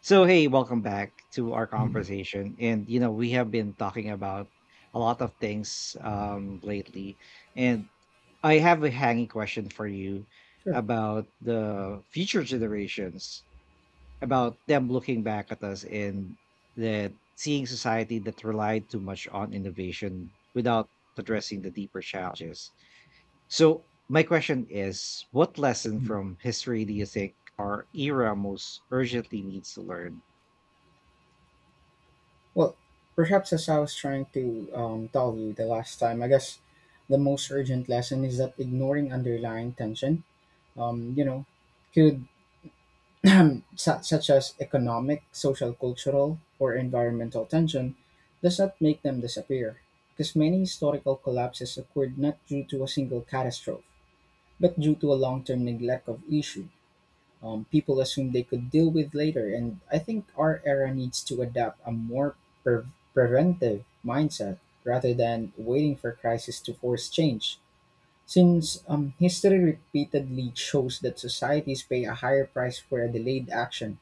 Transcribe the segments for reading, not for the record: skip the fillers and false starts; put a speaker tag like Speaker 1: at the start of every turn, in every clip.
Speaker 1: So, hey, welcome back to our
Speaker 2: Mhm.
Speaker 1: conversation. And we have been talking about a lot of things lately. And I have a hanging question for you
Speaker 2: Sure.
Speaker 1: about the future generations, about them looking back at us and that seeing society that relied too much on innovation without addressing the deeper challenges. So, my question is what lesson
Speaker 2: Mhm.
Speaker 1: from history do you think our era most urgently needs to learn?
Speaker 2: Well, perhaps as I was trying to tell you the last time, I guess the most urgent lesson is that ignoring underlying tension, um, you know, could such as economic, social, cultural, or environmental tension, does not make them disappear. Because many historical collapses occurred not due to a single catastrophe, but due to a long-term neglect of issues. People assume they could deal with later. And I think our era needs to adopt a more pre- preventive mindset rather than waiting for crisis to force change. Since history repeatedly shows that societies pay a higher price for a delayed action,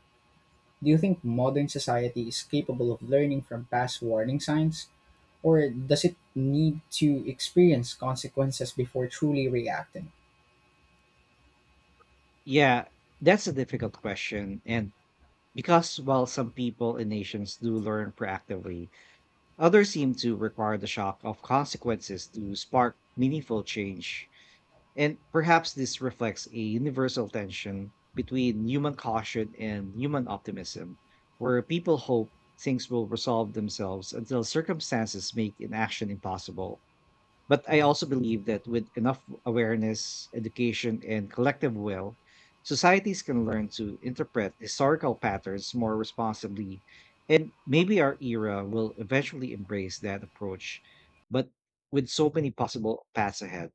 Speaker 2: do you think modern society is capable of learning from past warning signs? Or does it need to experience consequences before truly reacting?
Speaker 1: Yeah, that's a difficult question. And because while some people and nations do learn proactively, others seem to require the shock of consequences to spark meaningful change. And perhaps this reflects a universal tension between human caution and human optimism, where people hope things will resolve themselves until circumstances make inaction impossible. But I also believe that with enough awareness, education, and collective will, societies can learn to interpret historical patterns more responsibly. And maybe our era will eventually embrace that approach, but with so many possible paths ahead.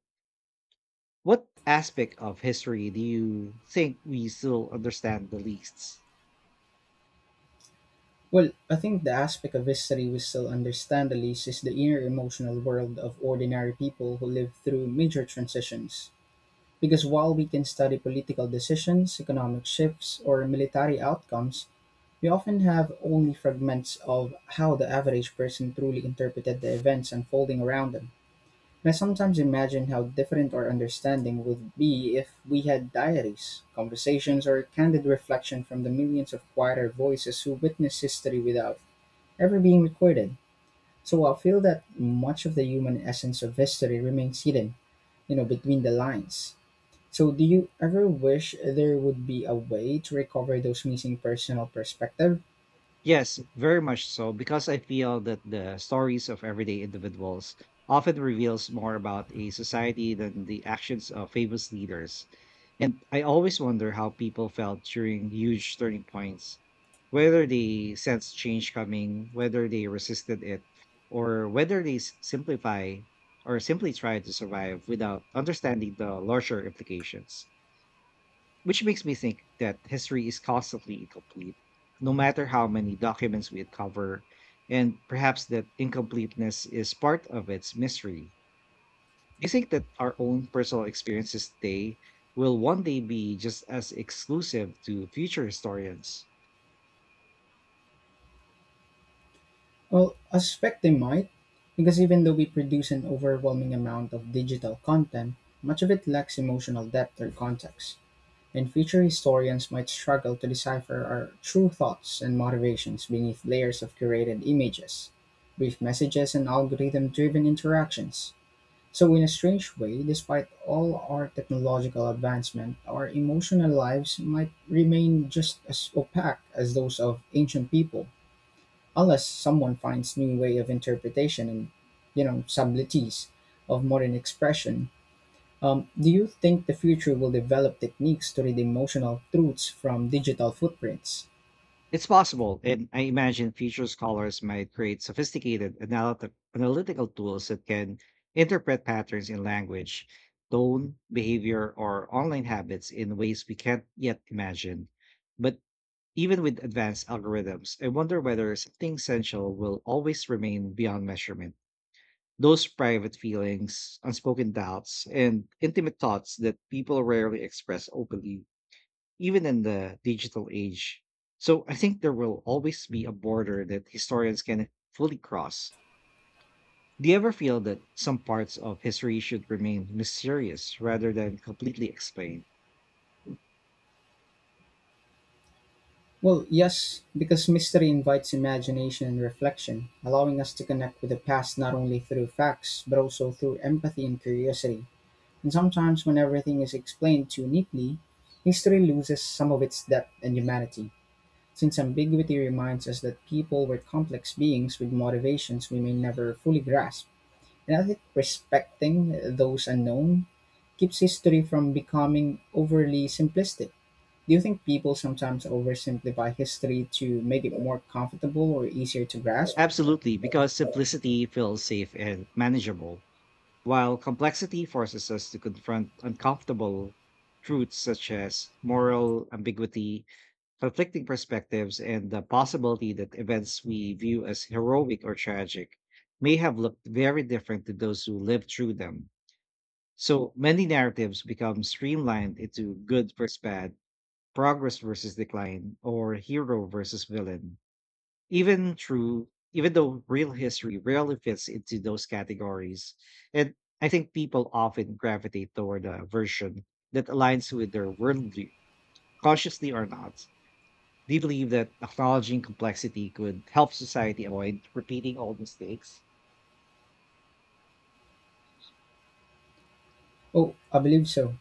Speaker 1: What aspect of history do you think we still understand the least?
Speaker 2: Well, I think the aspect of history we still understand the least is the inner emotional world of ordinary people who live through major transitions. Because while we can study political decisions, economic shifts, or military outcomes, we often have only fragments of how the average person truly interpreted the events unfolding around them. And I sometimes imagine how different our understanding would be if we had diaries, conversations, or candid reflection from the millions of quieter voices who witness history without ever being recorded. So I feel that much of the human essence of history remains hidden, you know, between the lines. So do you ever wish there would be a way to recover those missing personal perspective?
Speaker 1: Yes, very much so, because I feel that the stories of everyday individuals often reveals more about a society than the actions of famous leaders. And I always wonder how people felt during huge turning points, whether they sensed change coming, whether they resisted it, or whether they s- simplify or simply try to survive without understanding the larger implications. Which makes me think that history is constantly incomplete, no matter how many documents we uncover, and perhaps that incompleteness is part of its mystery. Do you think that our own personal experiences today will one day be just as exclusive to future historians?
Speaker 2: Well, I suspect they might, because even though we produce an overwhelming amount of digital content, much of it lacks emotional depth or context. And future historians might struggle to decipher our true thoughts and motivations beneath layers of curated images, brief messages, and algorithm driven interactions. So, in a strange way, despite all our technological advancement, our emotional lives might remain just as opaque as those of ancient people, unless someone finds new way of interpretation and, you know, subtleties of modern expression. Do you think the future will develop techniques to read emotional truths from digital footprints?
Speaker 1: It's possible, and I imagine future scholars might create sophisticated analytical tools that can interpret patterns in language, tone, behavior, or online habits in ways we can't yet imagine. But even with advanced algorithms, I wonder whether something essential will always remain beyond measurement. Those private feelings, unspoken doubts, and intimate thoughts that people rarely express openly even in the digital age. So I think there will always be a border that historians can fully cross. Do you ever feel that some parts of history should remain mysterious rather than completely explained?
Speaker 2: Well, yes, because mystery invites imagination and reflection, allowing us to connect with the past not only through facts, but also through empathy and curiosity. And sometimes, when everything is explained too neatly, history loses some of its depth and humanity, since ambiguity reminds us that people were complex beings with motivations we may never fully grasp. And I think respecting those unknown keeps history from becoming overly simplistic. Do you think people sometimes oversimplify history to make it more comfortable or easier to grasp?
Speaker 1: Absolutely, because simplicity feels safe and manageable, while complexity forces us to confront uncomfortable truths such as moral ambiguity, conflicting perspectives, and the possibility that events we view as heroic or tragic may have looked very different to those who lived through them. So many narratives become streamlined into good versus bad, progress versus decline, or hero versus villain. Even true, even though real history rarely fits into those categories. And I think people often gravitate toward a version that aligns with their worldview, consciously or not. Do you believe that acknowledging complexity could help society avoid repeating old mistakes?
Speaker 2: Oh, I believe so.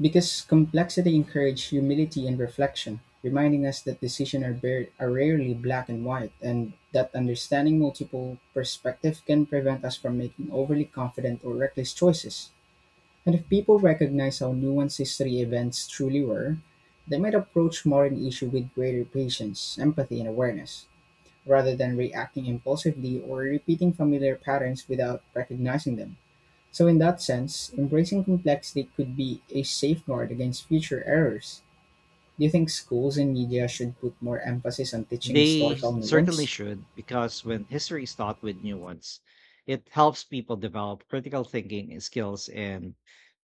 Speaker 2: Because complexity encourages humility and reflection, reminding us that decisions are, bare are rarely black and white, and that understanding multiple perspectives can prevent us from making overly confident or reckless choices. And if people recognize how nuanced history events truly were, they might approach modern issue with greater patience, empathy, and awareness, rather than reacting impulsively or repeating familiar patterns without recognizing them. So in that sense, embracing complexity could be a safeguard against future errors. Do you think schools and media should put more emphasis on teaching
Speaker 1: They
Speaker 2: historical
Speaker 1: certainly
Speaker 2: nuance?
Speaker 1: should, because when history is taught with nuance, it helps people develop critical thinking and skills and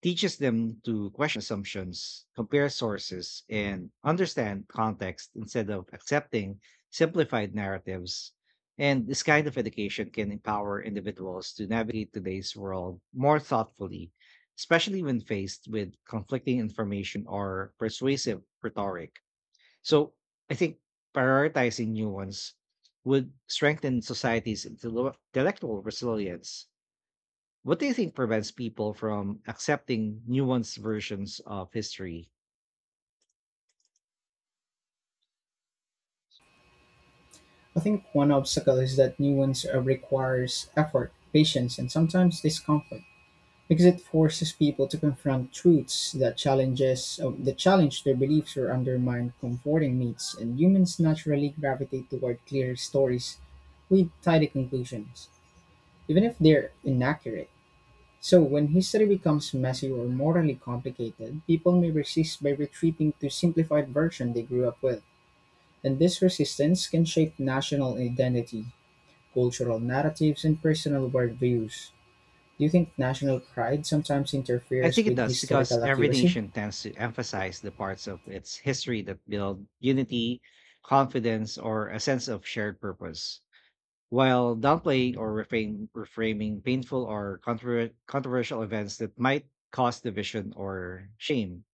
Speaker 1: teaches them to question assumptions, compare sources, and understand context instead of accepting simplified narratives. And this kind of education can empower individuals to navigate today's world more thoughtfully, especially when faced with conflicting information or persuasive rhetoric. So I think prioritizing new ones would strengthen society's intellectual resilience. What do you think prevents people from accepting nuanced versions of history?
Speaker 2: I think one obstacle is that nuance requires effort, patience, and sometimes discomfort. Because it forces people to confront truths that challenge their beliefs or undermine comforting myths, and humans naturally gravitate toward clear stories with tidy conclusions, even if they're inaccurate. So when history becomes messy or morally complicated, people may resist by retreating to simplified version they grew up with. And this resistance can shape national identity, cultural narratives, and personal worldviews. Do you think national pride sometimes
Speaker 1: I
Speaker 2: interferes
Speaker 1: think it
Speaker 2: with
Speaker 1: does because
Speaker 2: historical
Speaker 1: every
Speaker 2: accuracy?
Speaker 1: nation tends to emphasize the parts of its history that build unity, confidence, or a sense of shared purpose, while downplaying or reframing painful or controversial events that might cause division or shame.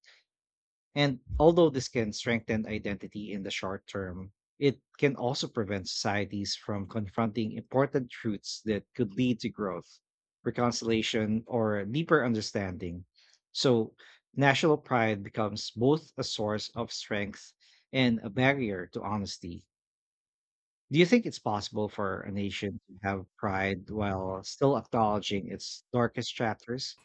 Speaker 1: And although this can strengthen identity in the short term, it can also prevent societies from confronting important truths that could lead to growth, reconciliation, or deeper understanding. So, national pride becomes both a source of strength and a barrier to honesty. Do you think it's possible for a nation to have pride while still acknowledging its darkest chapters?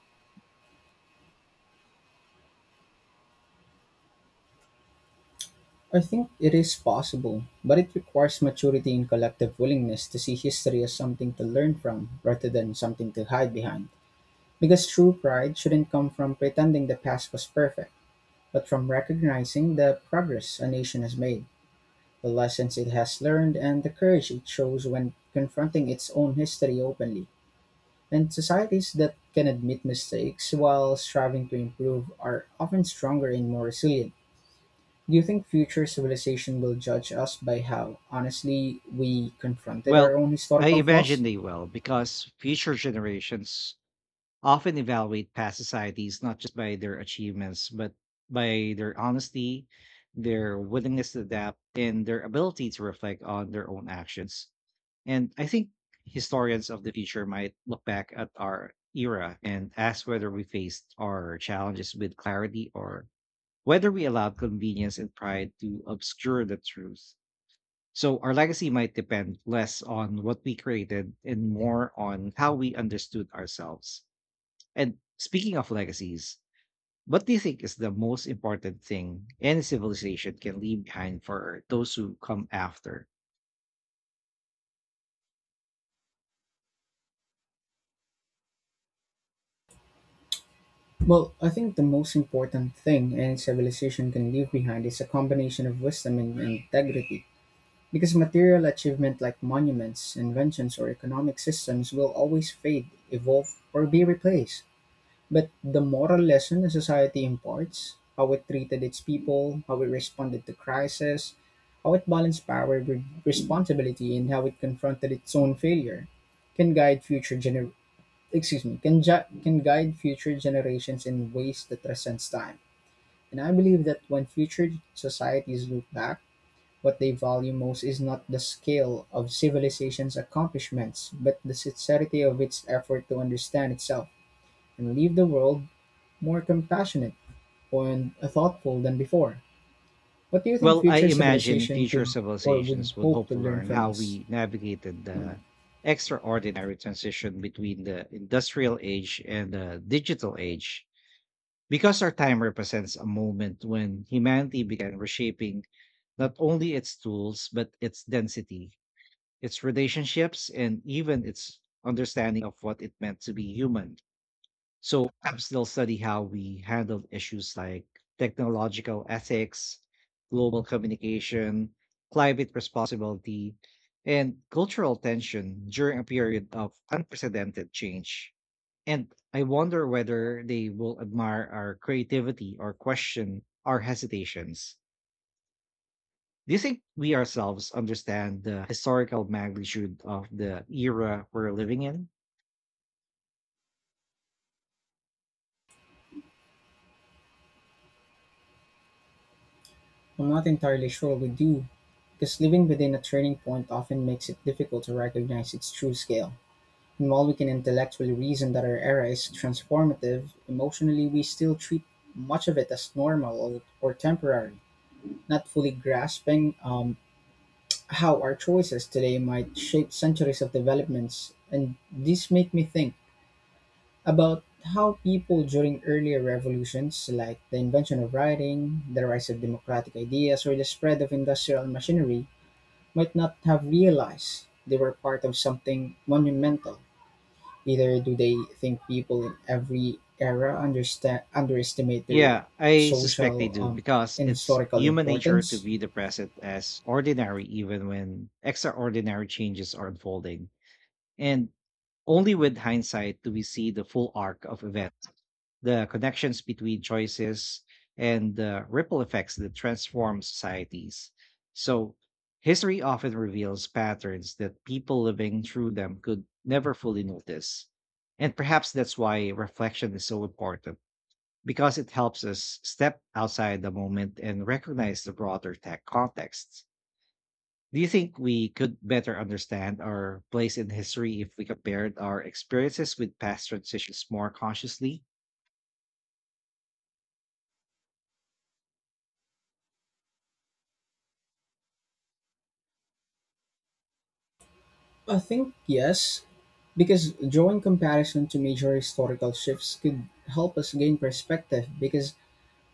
Speaker 2: I think it is possible, but it requires maturity and collective willingness to see history as something to learn from rather than something to hide behind. Because true pride shouldn't come from pretending the past was perfect, but from recognizing the progress a nation has made, the lessons it has learned, and the courage it shows when confronting its own history openly. And societies that can admit mistakes while striving to improve are often stronger and more resilient. Do you think future civilization will judge us by how honestly we confronted our
Speaker 1: Well,
Speaker 2: own
Speaker 1: I
Speaker 2: historical
Speaker 1: imagine
Speaker 2: flaws?
Speaker 1: they will because future generations often evaluate past societies not just by their achievements, but by their honesty, their willingness to adapt, and their ability to reflect on their own actions. And I think historians of the future might look back at our era and ask whether we faced our challenges with clarity or whether we allowed convenience and pride to obscure the truth. So our legacy might depend less on what we created and more on how we understood ourselves. And speaking of legacies, what do you think is the most important thing any civilization can leave behind for those who come after?
Speaker 2: Well, I think the most important thing any civilization can leave behind is a combination of wisdom and integrity. Because material achievement like monuments, inventions, or economic systems will always fade, evolve, or be replaced. But the moral lesson a society imparts, how it treated its people, how it responded to crisis, how it balanced power with responsibility, and how it confronted its own failure, can guide future gener- excuse me can ju- can guide future generations in ways that transcends time. And I believe that when future societies look back, what they value most is not the scale of civilization's accomplishments, but the sincerity of its effort to understand itself and leave the world more compassionate and thoughtful than before. What do you think
Speaker 1: Well, I
Speaker 2: future
Speaker 1: imagine
Speaker 2: civilization
Speaker 1: future
Speaker 2: could or would
Speaker 1: civilizations would
Speaker 2: hope
Speaker 1: hope
Speaker 2: to
Speaker 1: to
Speaker 2: learn
Speaker 1: learn
Speaker 2: from
Speaker 1: how
Speaker 2: us?
Speaker 1: we navigated the extraordinary transition between the industrial age and the digital age, because our time represents a moment when humanity began reshaping not only its tools, but its density, its relationships, and even its understanding of what it meant to be human. So apps still study how we handled issues like technological ethics, global communication, climate responsibility, and cultural tension during a period of unprecedented change. And I wonder whether they will admire our creativity or question our hesitations. Do you think we ourselves understand the historical magnitude of the era we're living in?
Speaker 2: I'm not entirely sure we do, because living within a turning point often makes it difficult to recognize its true scale. And while we can intellectually reason that our era is transformative, emotionally we still treat much of it as normal or temporary, not fully grasping how our choices today might shape centuries of developments. And this make me think about how people during earlier revolutions, like the invention of writing, the rise of democratic ideas, or the spread of industrial machinery, might not have realized they were part of something monumental. Either do they think people in every era underestimate their
Speaker 1: Yeah, I suspect they
Speaker 2: social
Speaker 1: do because
Speaker 2: and
Speaker 1: it's
Speaker 2: historical
Speaker 1: human nature to
Speaker 2: importance?
Speaker 1: view the present as ordinary even when extraordinary changes are unfolding. And only with hindsight do we see the full arc of events, the connections between choices and the ripple effects that transform societies. So, history often reveals patterns that people living through them could never fully notice. And perhaps that's why reflection is so important, because it helps us step outside the moment and recognize the broader tech context. Do you think we could better understand our place in history if we compared our experiences with past transitions more consciously?
Speaker 2: I think yes, because drawing comparison to major historical shifts could help us gain perspective because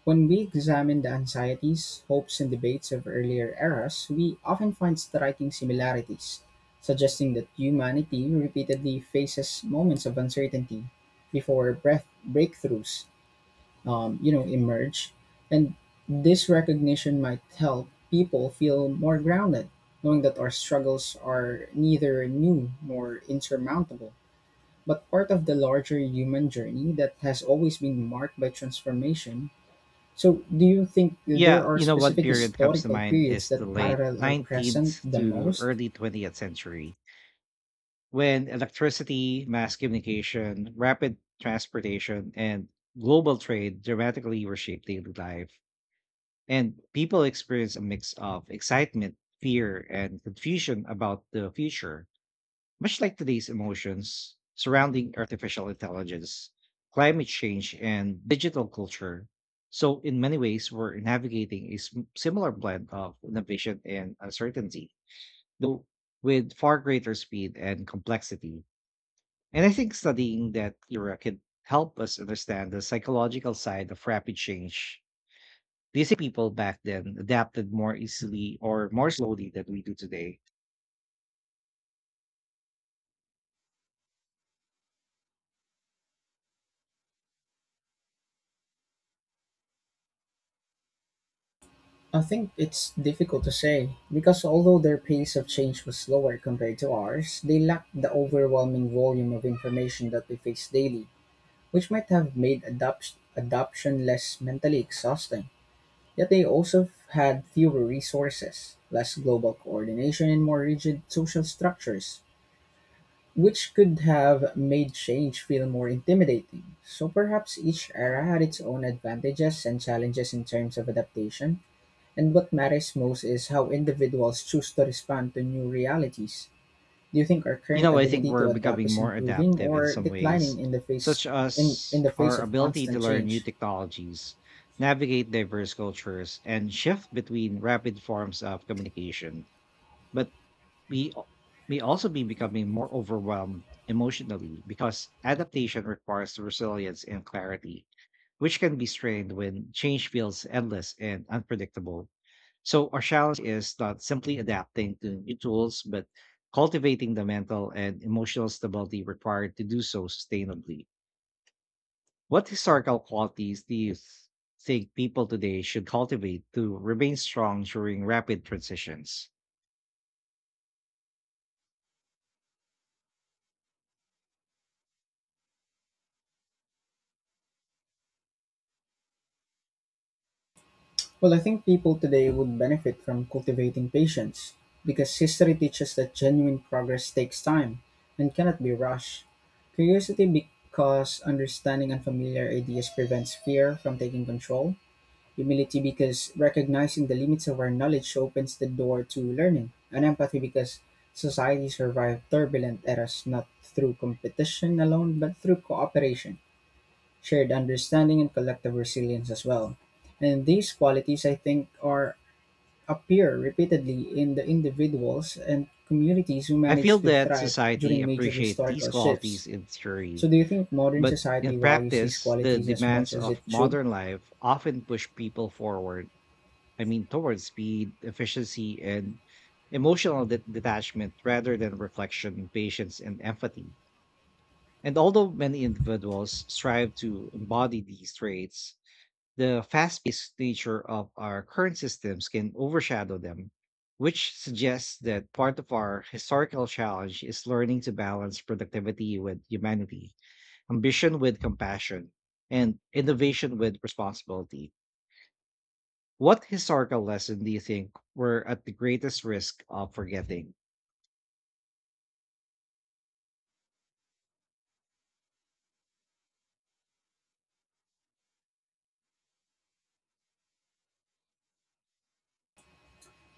Speaker 2: when we examine the anxieties, hopes, and debates of earlier eras, we often find striking similarities, suggesting that humanity repeatedly faces moments of uncertainty before breath breakthroughs, emerge, and this recognition might help people feel more grounded, knowing that our struggles are neither new nor insurmountable, but part of the larger human journey that has always been marked by transformation. So, do you think there
Speaker 1: Yeah,
Speaker 2: are
Speaker 1: you know what
Speaker 2: specific
Speaker 1: period comes to
Speaker 2: historical
Speaker 1: mind
Speaker 2: periods
Speaker 1: is the
Speaker 2: that
Speaker 1: late
Speaker 2: parallel are present
Speaker 1: 19th
Speaker 2: the
Speaker 1: to
Speaker 2: most?
Speaker 1: early 20th century when electricity, mass communication, rapid transportation, and global trade dramatically reshaped daily life. And people experienced a mix of excitement, fear, and confusion about the future. Much like today's emotions surrounding artificial intelligence, climate change, and digital culture. So, in many ways, we're navigating a similar blend of innovation and uncertainty, though with far greater speed and complexity. And I think studying that era can help us understand the psychological side of rapid change. Do you think people back then adapted more easily or more slowly than we do today?
Speaker 2: I think it's difficult to say because although their pace of change was slower compared to ours, they lacked the overwhelming volume of information that we face daily, which might have made adoption less mentally exhausting. Yet they also had fewer resources, less global coordination, and more rigid social structures, which could have made change feel more intimidating. So perhaps each era had its own advantages and challenges in terms of adaptation, and what matters most is how individuals choose to respond to new realities. Do you think our
Speaker 1: You
Speaker 2: current
Speaker 1: know, I think
Speaker 2: ability
Speaker 1: we're
Speaker 2: to adapt
Speaker 1: becoming
Speaker 2: is
Speaker 1: more
Speaker 2: improving
Speaker 1: adaptive in
Speaker 2: or
Speaker 1: some ways,
Speaker 2: declining in the face
Speaker 1: such
Speaker 2: in,
Speaker 1: as
Speaker 2: in the face
Speaker 1: our
Speaker 2: of
Speaker 1: ability to
Speaker 2: constant
Speaker 1: learn new
Speaker 2: change?
Speaker 1: technologies, navigate diverse cultures, and shift between rapid forms of communication. But we may also be becoming more overwhelmed emotionally because adaptation requires resilience and clarity, which can be strained when change feels endless and unpredictable. So our challenge is not simply adapting to new tools, but cultivating the mental and emotional stability required to do so sustainably. What historical qualities do you think people today should cultivate to remain strong during rapid transitions?
Speaker 2: Well, I think people today would benefit from cultivating patience because history teaches that genuine progress takes time and cannot be rushed. Curiosity because understanding unfamiliar ideas prevents fear from taking control. Humility because recognizing the limits of our knowledge opens the door to learning. And empathy because society survived turbulent eras not through competition alone but through cooperation shared understanding and collective resilience as well. And these qualities, I think, are appear repeatedly in the individuals and communities who
Speaker 1: I
Speaker 2: manage
Speaker 1: feel
Speaker 2: to
Speaker 1: that
Speaker 2: thrive
Speaker 1: society
Speaker 2: during major
Speaker 1: appreciates these
Speaker 2: historical shifts.
Speaker 1: qualities in theory,
Speaker 2: So, do you think modern
Speaker 1: but in
Speaker 2: society values these
Speaker 1: practice, the
Speaker 2: qualities as much
Speaker 1: demands
Speaker 2: as
Speaker 1: of
Speaker 2: it should?
Speaker 1: modern life often push people forward, I mean, towards speed, efficiency, and emotional detachment rather than reflection, patience, and empathy. And although many individuals strive to embody these traits, the fast paced nature of our current systems can overshadow them, which suggests that part of our historical challenge is learning to balance productivity with humanity, ambition with compassion, and innovation with responsibility. What historical lesson do you think we're at the greatest risk of forgetting?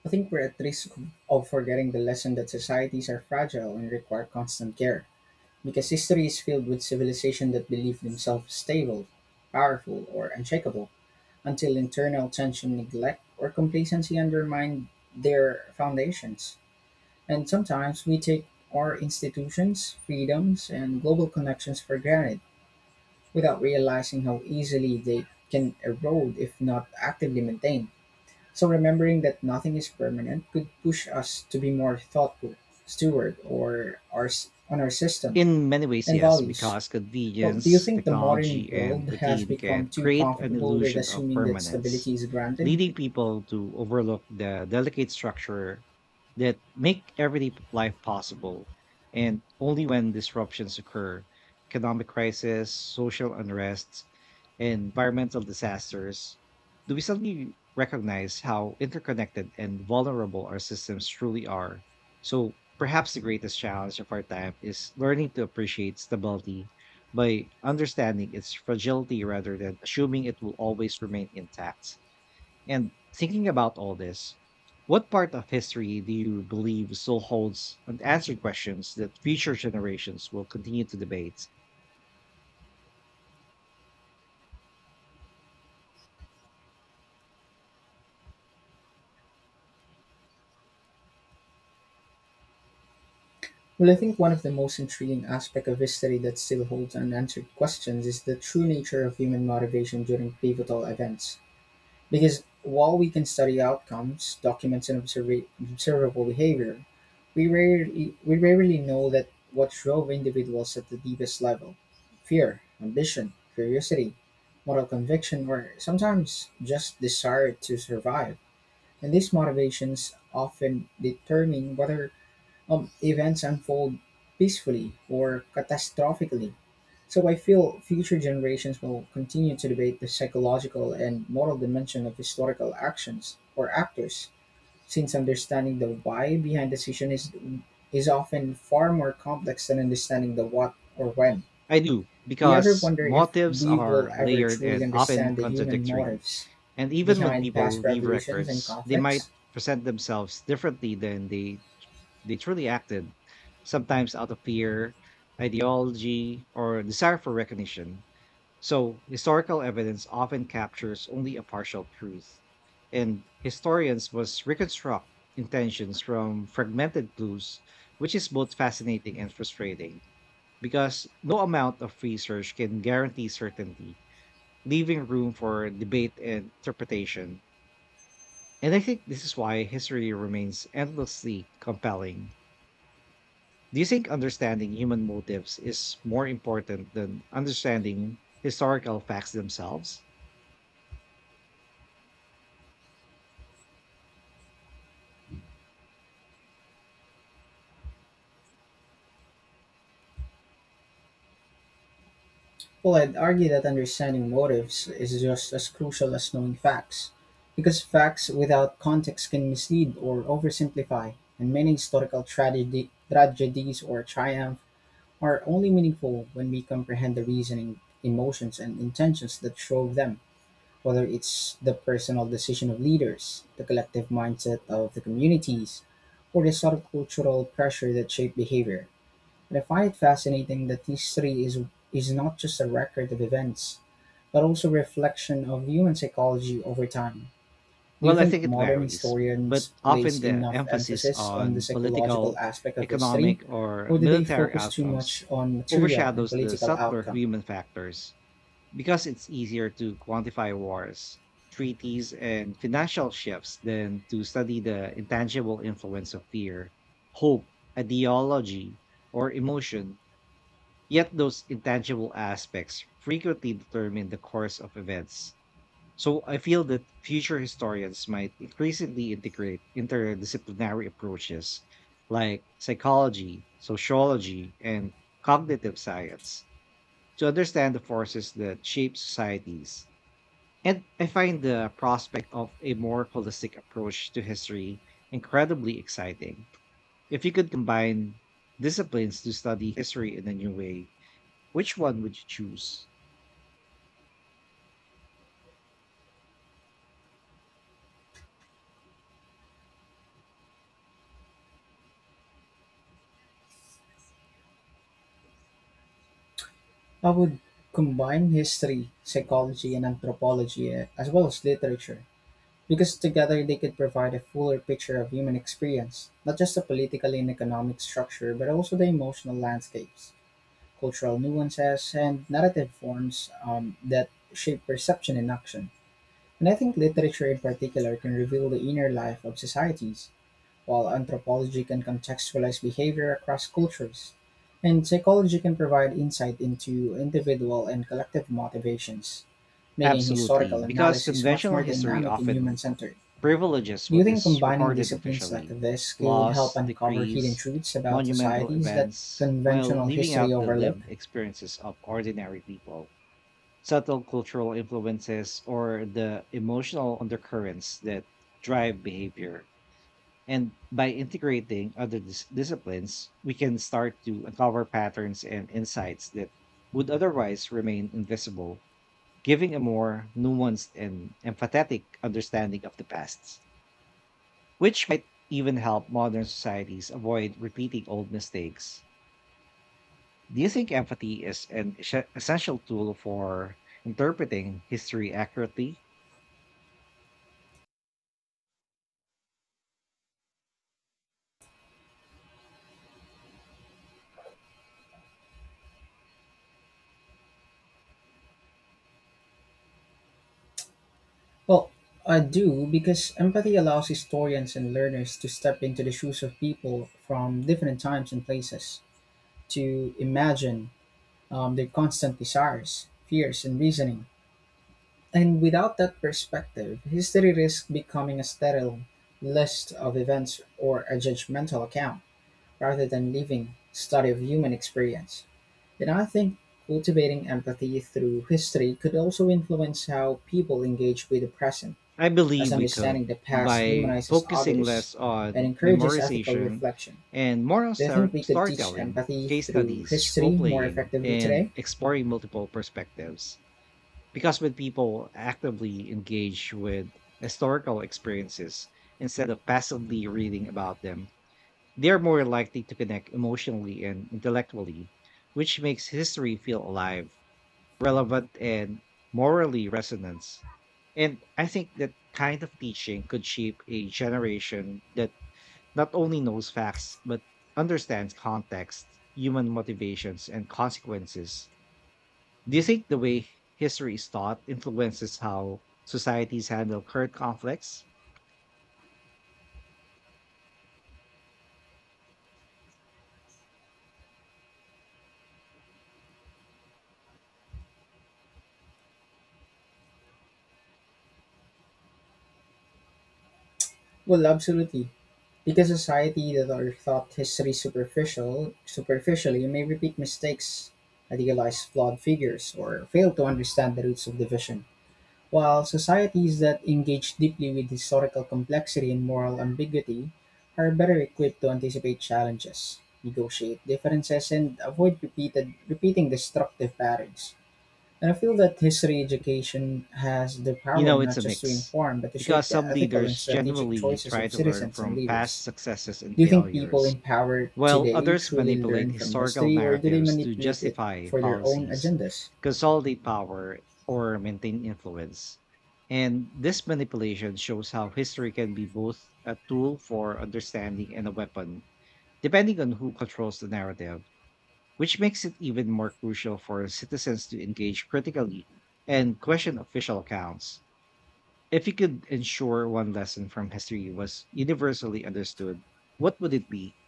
Speaker 2: I think we're at risk of forgetting the lesson that societies are fragile and require constant care, because history is filled with civilizations that believe themselves stable, powerful, or unshakable until internal tension, neglect, or complacency undermine their foundations. And sometimes we take our institutions, freedoms, and global connections for granted without realizing how easily they can erode if not actively maintained. So, remembering that nothing is permanent could push us to be more thoughtful, steward, on our system
Speaker 1: In many ways,
Speaker 2: and
Speaker 1: yes,
Speaker 2: values.
Speaker 1: because
Speaker 2: Well, do you
Speaker 1: convenience,
Speaker 2: think the modern
Speaker 1: technology, and
Speaker 2: world has
Speaker 1: routine
Speaker 2: become
Speaker 1: can
Speaker 2: too
Speaker 1: create an
Speaker 2: comfortable with
Speaker 1: illusion of
Speaker 2: assuming that
Speaker 1: permanence,
Speaker 2: stability is granted?
Speaker 1: leading people to overlook the delicate structure that make everyday life possible. And only when disruptions occur, economic crisis, social unrest, and environmental disasters, do we suddenly recognize how interconnected and vulnerable our systems truly are. So perhaps the greatest challenge of our time is learning to appreciate stability by understanding its fragility rather than assuming it will always remain intact. And thinking about all this, what part of history do you believe still holds unanswered questions that future generations will continue to debate?
Speaker 2: Well, I think one of the most intriguing aspects of history that still holds unanswered questions is the true nature of human motivation during pivotal events. Because while we can study outcomes, documents, and observable behavior, we rarely know that what drove individuals at the deepest level: fear, ambition, curiosity, moral conviction, or sometimes just desire to survive. And these motivations often determine whether events unfold peacefully or catastrophically. So I feel future generations will continue to debate the psychological and moral dimension of historical actions or actors, since understanding the why behind decision is often far more complex than understanding the what or when.
Speaker 1: I do,
Speaker 2: Do you ever
Speaker 1: because
Speaker 2: wonder if
Speaker 1: motives
Speaker 2: we will
Speaker 1: are
Speaker 2: ever
Speaker 1: layered
Speaker 2: truly
Speaker 1: and often
Speaker 2: understand the human
Speaker 1: contradictory.
Speaker 2: motives
Speaker 1: And even when
Speaker 2: behind
Speaker 1: people
Speaker 2: past
Speaker 1: leave
Speaker 2: revolutions and
Speaker 1: records, they might
Speaker 2: conflicts?
Speaker 1: present themselves differently than they truly acted, sometimes out of fear, ideology, or desire for recognition. So, historical evidence often captures only a partial truth, and historians must reconstruct intentions from fragmented clues, which is both fascinating and frustrating because no amount of research can guarantee certainty, leaving room for debate and interpretation. And I think this is why history remains endlessly compelling. Do you think understanding human motives is more important than understanding historical facts themselves?
Speaker 2: Well, I'd argue that understanding motives is just as crucial as knowing facts, because facts without context can mislead or oversimplify, and many historical tragedies or triumph are only meaningful when we comprehend the reasoning, emotions, and intentions that drove them, whether it's the personal decision of leaders, the collective mindset of the communities, or the subcultural pressure that shaped behavior. But I find it fascinating that history is not just a record of events, but also a reflection of human psychology over time. Do you
Speaker 1: Well, I
Speaker 2: think
Speaker 1: think it
Speaker 2: modern
Speaker 1: varies, but
Speaker 2: historians
Speaker 1: often
Speaker 2: place
Speaker 1: the
Speaker 2: enough
Speaker 1: emphasis
Speaker 2: emphasis on the
Speaker 1: on
Speaker 2: psychological
Speaker 1: political,
Speaker 2: aspect of history,
Speaker 1: economic, or
Speaker 2: or do they
Speaker 1: military
Speaker 2: focus too much
Speaker 1: outcomes
Speaker 2: on material and
Speaker 1: overshadows the
Speaker 2: political
Speaker 1: subtler
Speaker 2: outcome?
Speaker 1: human factors because it's easier to quantify wars, treaties, and financial shifts than to study the intangible influence of fear, hope, ideology, or emotion. Yet those intangible aspects frequently determine the course of events. So I feel that future historians might increasingly integrate interdisciplinary approaches like psychology, sociology, and cognitive science to understand the forces that shape societies. And I find the prospect of a more holistic approach to history incredibly exciting. If you could combine disciplines to study history in a new way, which one would you choose?
Speaker 2: I would combine history, psychology, and anthropology as well as literature. Because together they could provide a fuller picture of human experience, not just the political and economic structure, but also the emotional landscapes, cultural nuances, and narrative forms that shape perception and action. And I think literature in particular can reveal the inner life of societies, while anthropology can contextualize behavior across cultures. And psychology can provide insight into individual and collective motivations, making
Speaker 1: Absolutely,
Speaker 2: historical
Speaker 1: because
Speaker 2: analysis much
Speaker 1: conventional
Speaker 2: more
Speaker 1: history
Speaker 2: dynamic and human
Speaker 1: often
Speaker 2: centered.
Speaker 1: privileges
Speaker 2: Do you
Speaker 1: what
Speaker 2: think
Speaker 1: is
Speaker 2: combining
Speaker 1: recorded
Speaker 2: disciplines like
Speaker 1: officially,
Speaker 2: this could help
Speaker 1: laws,
Speaker 2: uncover hidden
Speaker 1: decrees,
Speaker 2: truths about
Speaker 1: monumental
Speaker 2: societies that
Speaker 1: events, while
Speaker 2: conventional
Speaker 1: leaving
Speaker 2: history
Speaker 1: out the
Speaker 2: overlooked?
Speaker 1: lived experiences of ordinary people, subtle cultural influences, or the emotional undercurrents that drive behavior. And by integrating other disciplines, we can start to uncover patterns and insights that would otherwise remain invisible, giving a more nuanced and empathetic understanding of the past, which might even help modern societies avoid repeating old mistakes. Do you think empathy is an essential tool for interpreting history accurately?
Speaker 2: Well, I do, because empathy allows historians and learners to step into the shoes of people from different times and places, to imagine their constant desires, fears, and reasoning. And without that perspective, history risks becoming a sterile list of events or a judgmental account rather than living study of human experience. And I think cultivating empathy through history could also influence how people engage with the present,
Speaker 1: I
Speaker 2: as
Speaker 1: believe we could
Speaker 2: understanding the past
Speaker 1: by
Speaker 2: humanizes
Speaker 1: focusing
Speaker 2: others
Speaker 1: less
Speaker 2: and
Speaker 1: on
Speaker 2: encourages ethical
Speaker 1: memorization
Speaker 2: reflection.
Speaker 1: and more on
Speaker 2: Do you think we could teach
Speaker 1: storytelling,
Speaker 2: empathy
Speaker 1: case
Speaker 2: through
Speaker 1: studies,
Speaker 2: history
Speaker 1: role
Speaker 2: more
Speaker 1: playing,
Speaker 2: effectively
Speaker 1: and
Speaker 2: today?
Speaker 1: exploring multiple perspectives. Because when people actively engage with historical experiences instead of passively reading about them, they are more likely to connect emotionally and intellectually, which makes history feel alive, relevant, and morally resonant. And I think that kind of teaching could shape a generation that not only knows facts, but understands context, human motivations, and consequences. Do you think the way history is taught influences how societies handle current conflicts?
Speaker 2: Well, absolutely. Because society that are thought history superficially may repeat mistakes, idealize flawed figures, or fail to understand the roots of division. While societies that engage deeply with historical complexity and moral ambiguity are better equipped to anticipate challenges, negotiate differences, and avoid repeating destructive patterns. And I feel that history education has the
Speaker 1: You
Speaker 2: power
Speaker 1: know, it's
Speaker 2: not
Speaker 1: a
Speaker 2: just to
Speaker 1: mix
Speaker 2: inform, but to
Speaker 1: because
Speaker 2: shape the
Speaker 1: some
Speaker 2: ethical and
Speaker 1: leaders
Speaker 2: strategic
Speaker 1: genuinely
Speaker 2: choices
Speaker 1: try
Speaker 2: of
Speaker 1: to learn
Speaker 2: citizens and
Speaker 1: from past
Speaker 2: leaders.
Speaker 1: successes and
Speaker 2: Do you think people
Speaker 1: failures,
Speaker 2: in power
Speaker 1: while
Speaker 2: today
Speaker 1: others
Speaker 2: truly
Speaker 1: manipulate
Speaker 2: learn from
Speaker 1: historical
Speaker 2: history, or do they
Speaker 1: narratives to
Speaker 2: manipulate it
Speaker 1: justify
Speaker 2: for their own
Speaker 1: policies,
Speaker 2: agendas?
Speaker 1: consolidate power, or maintain influence. And this manipulation shows how history can be both a tool for understanding and a weapon, depending on who controls the narrative, which makes it even more crucial for citizens to engage critically and question official accounts. If you could ensure one lesson from history was universally understood, what would it be?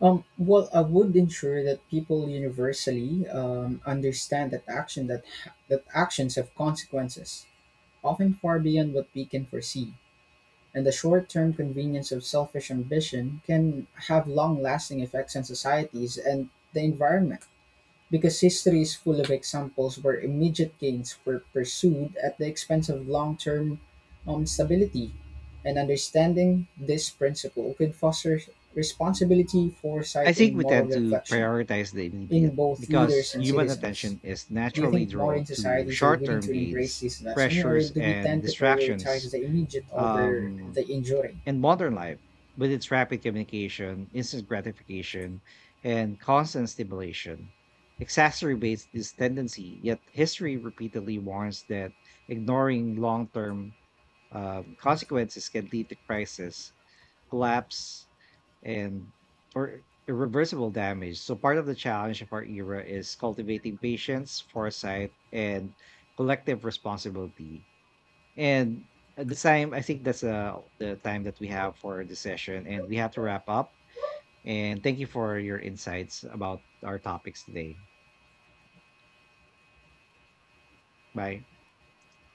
Speaker 2: Well, I would ensure that people universally understand that actions have consequences, often far beyond what we can foresee, and the short-term convenience of selfish ambition can have long-lasting effects on societies and the environment. Because history is full of examples where immediate gains were pursued at the expense of long-term stability, and understanding this principle could foster responsibility,
Speaker 1: I
Speaker 2: foresight,
Speaker 1: think
Speaker 2: and
Speaker 1: we
Speaker 2: moral
Speaker 1: tend to
Speaker 2: reflection
Speaker 1: prioritize the immediate
Speaker 2: in both
Speaker 1: because
Speaker 2: leaders and
Speaker 1: human
Speaker 2: citizens.
Speaker 1: attention is
Speaker 2: Do you
Speaker 1: naturally
Speaker 2: think modern
Speaker 1: drawn to
Speaker 2: societies are
Speaker 1: short
Speaker 2: willing
Speaker 1: term
Speaker 2: to embrace
Speaker 1: gains,
Speaker 2: this lesson, or
Speaker 1: pressures,
Speaker 2: do we
Speaker 1: and
Speaker 2: tend to prioritize
Speaker 1: distractions.
Speaker 2: the immediate over
Speaker 1: Um,
Speaker 2: the enduring?
Speaker 1: And modern life, with its rapid communication, instant gratification, and constant stimulation, exacerbates this tendency. Yet history repeatedly warns that ignoring long-term consequences can lead to crisis, collapse, and or irreversible damage. So part of the challenge of our era is cultivating patience, foresight, and collective responsibility. And at the time, I think that's the time that we have for the session, and we have to wrap up. And thank you for your insights about our topics today. Bye.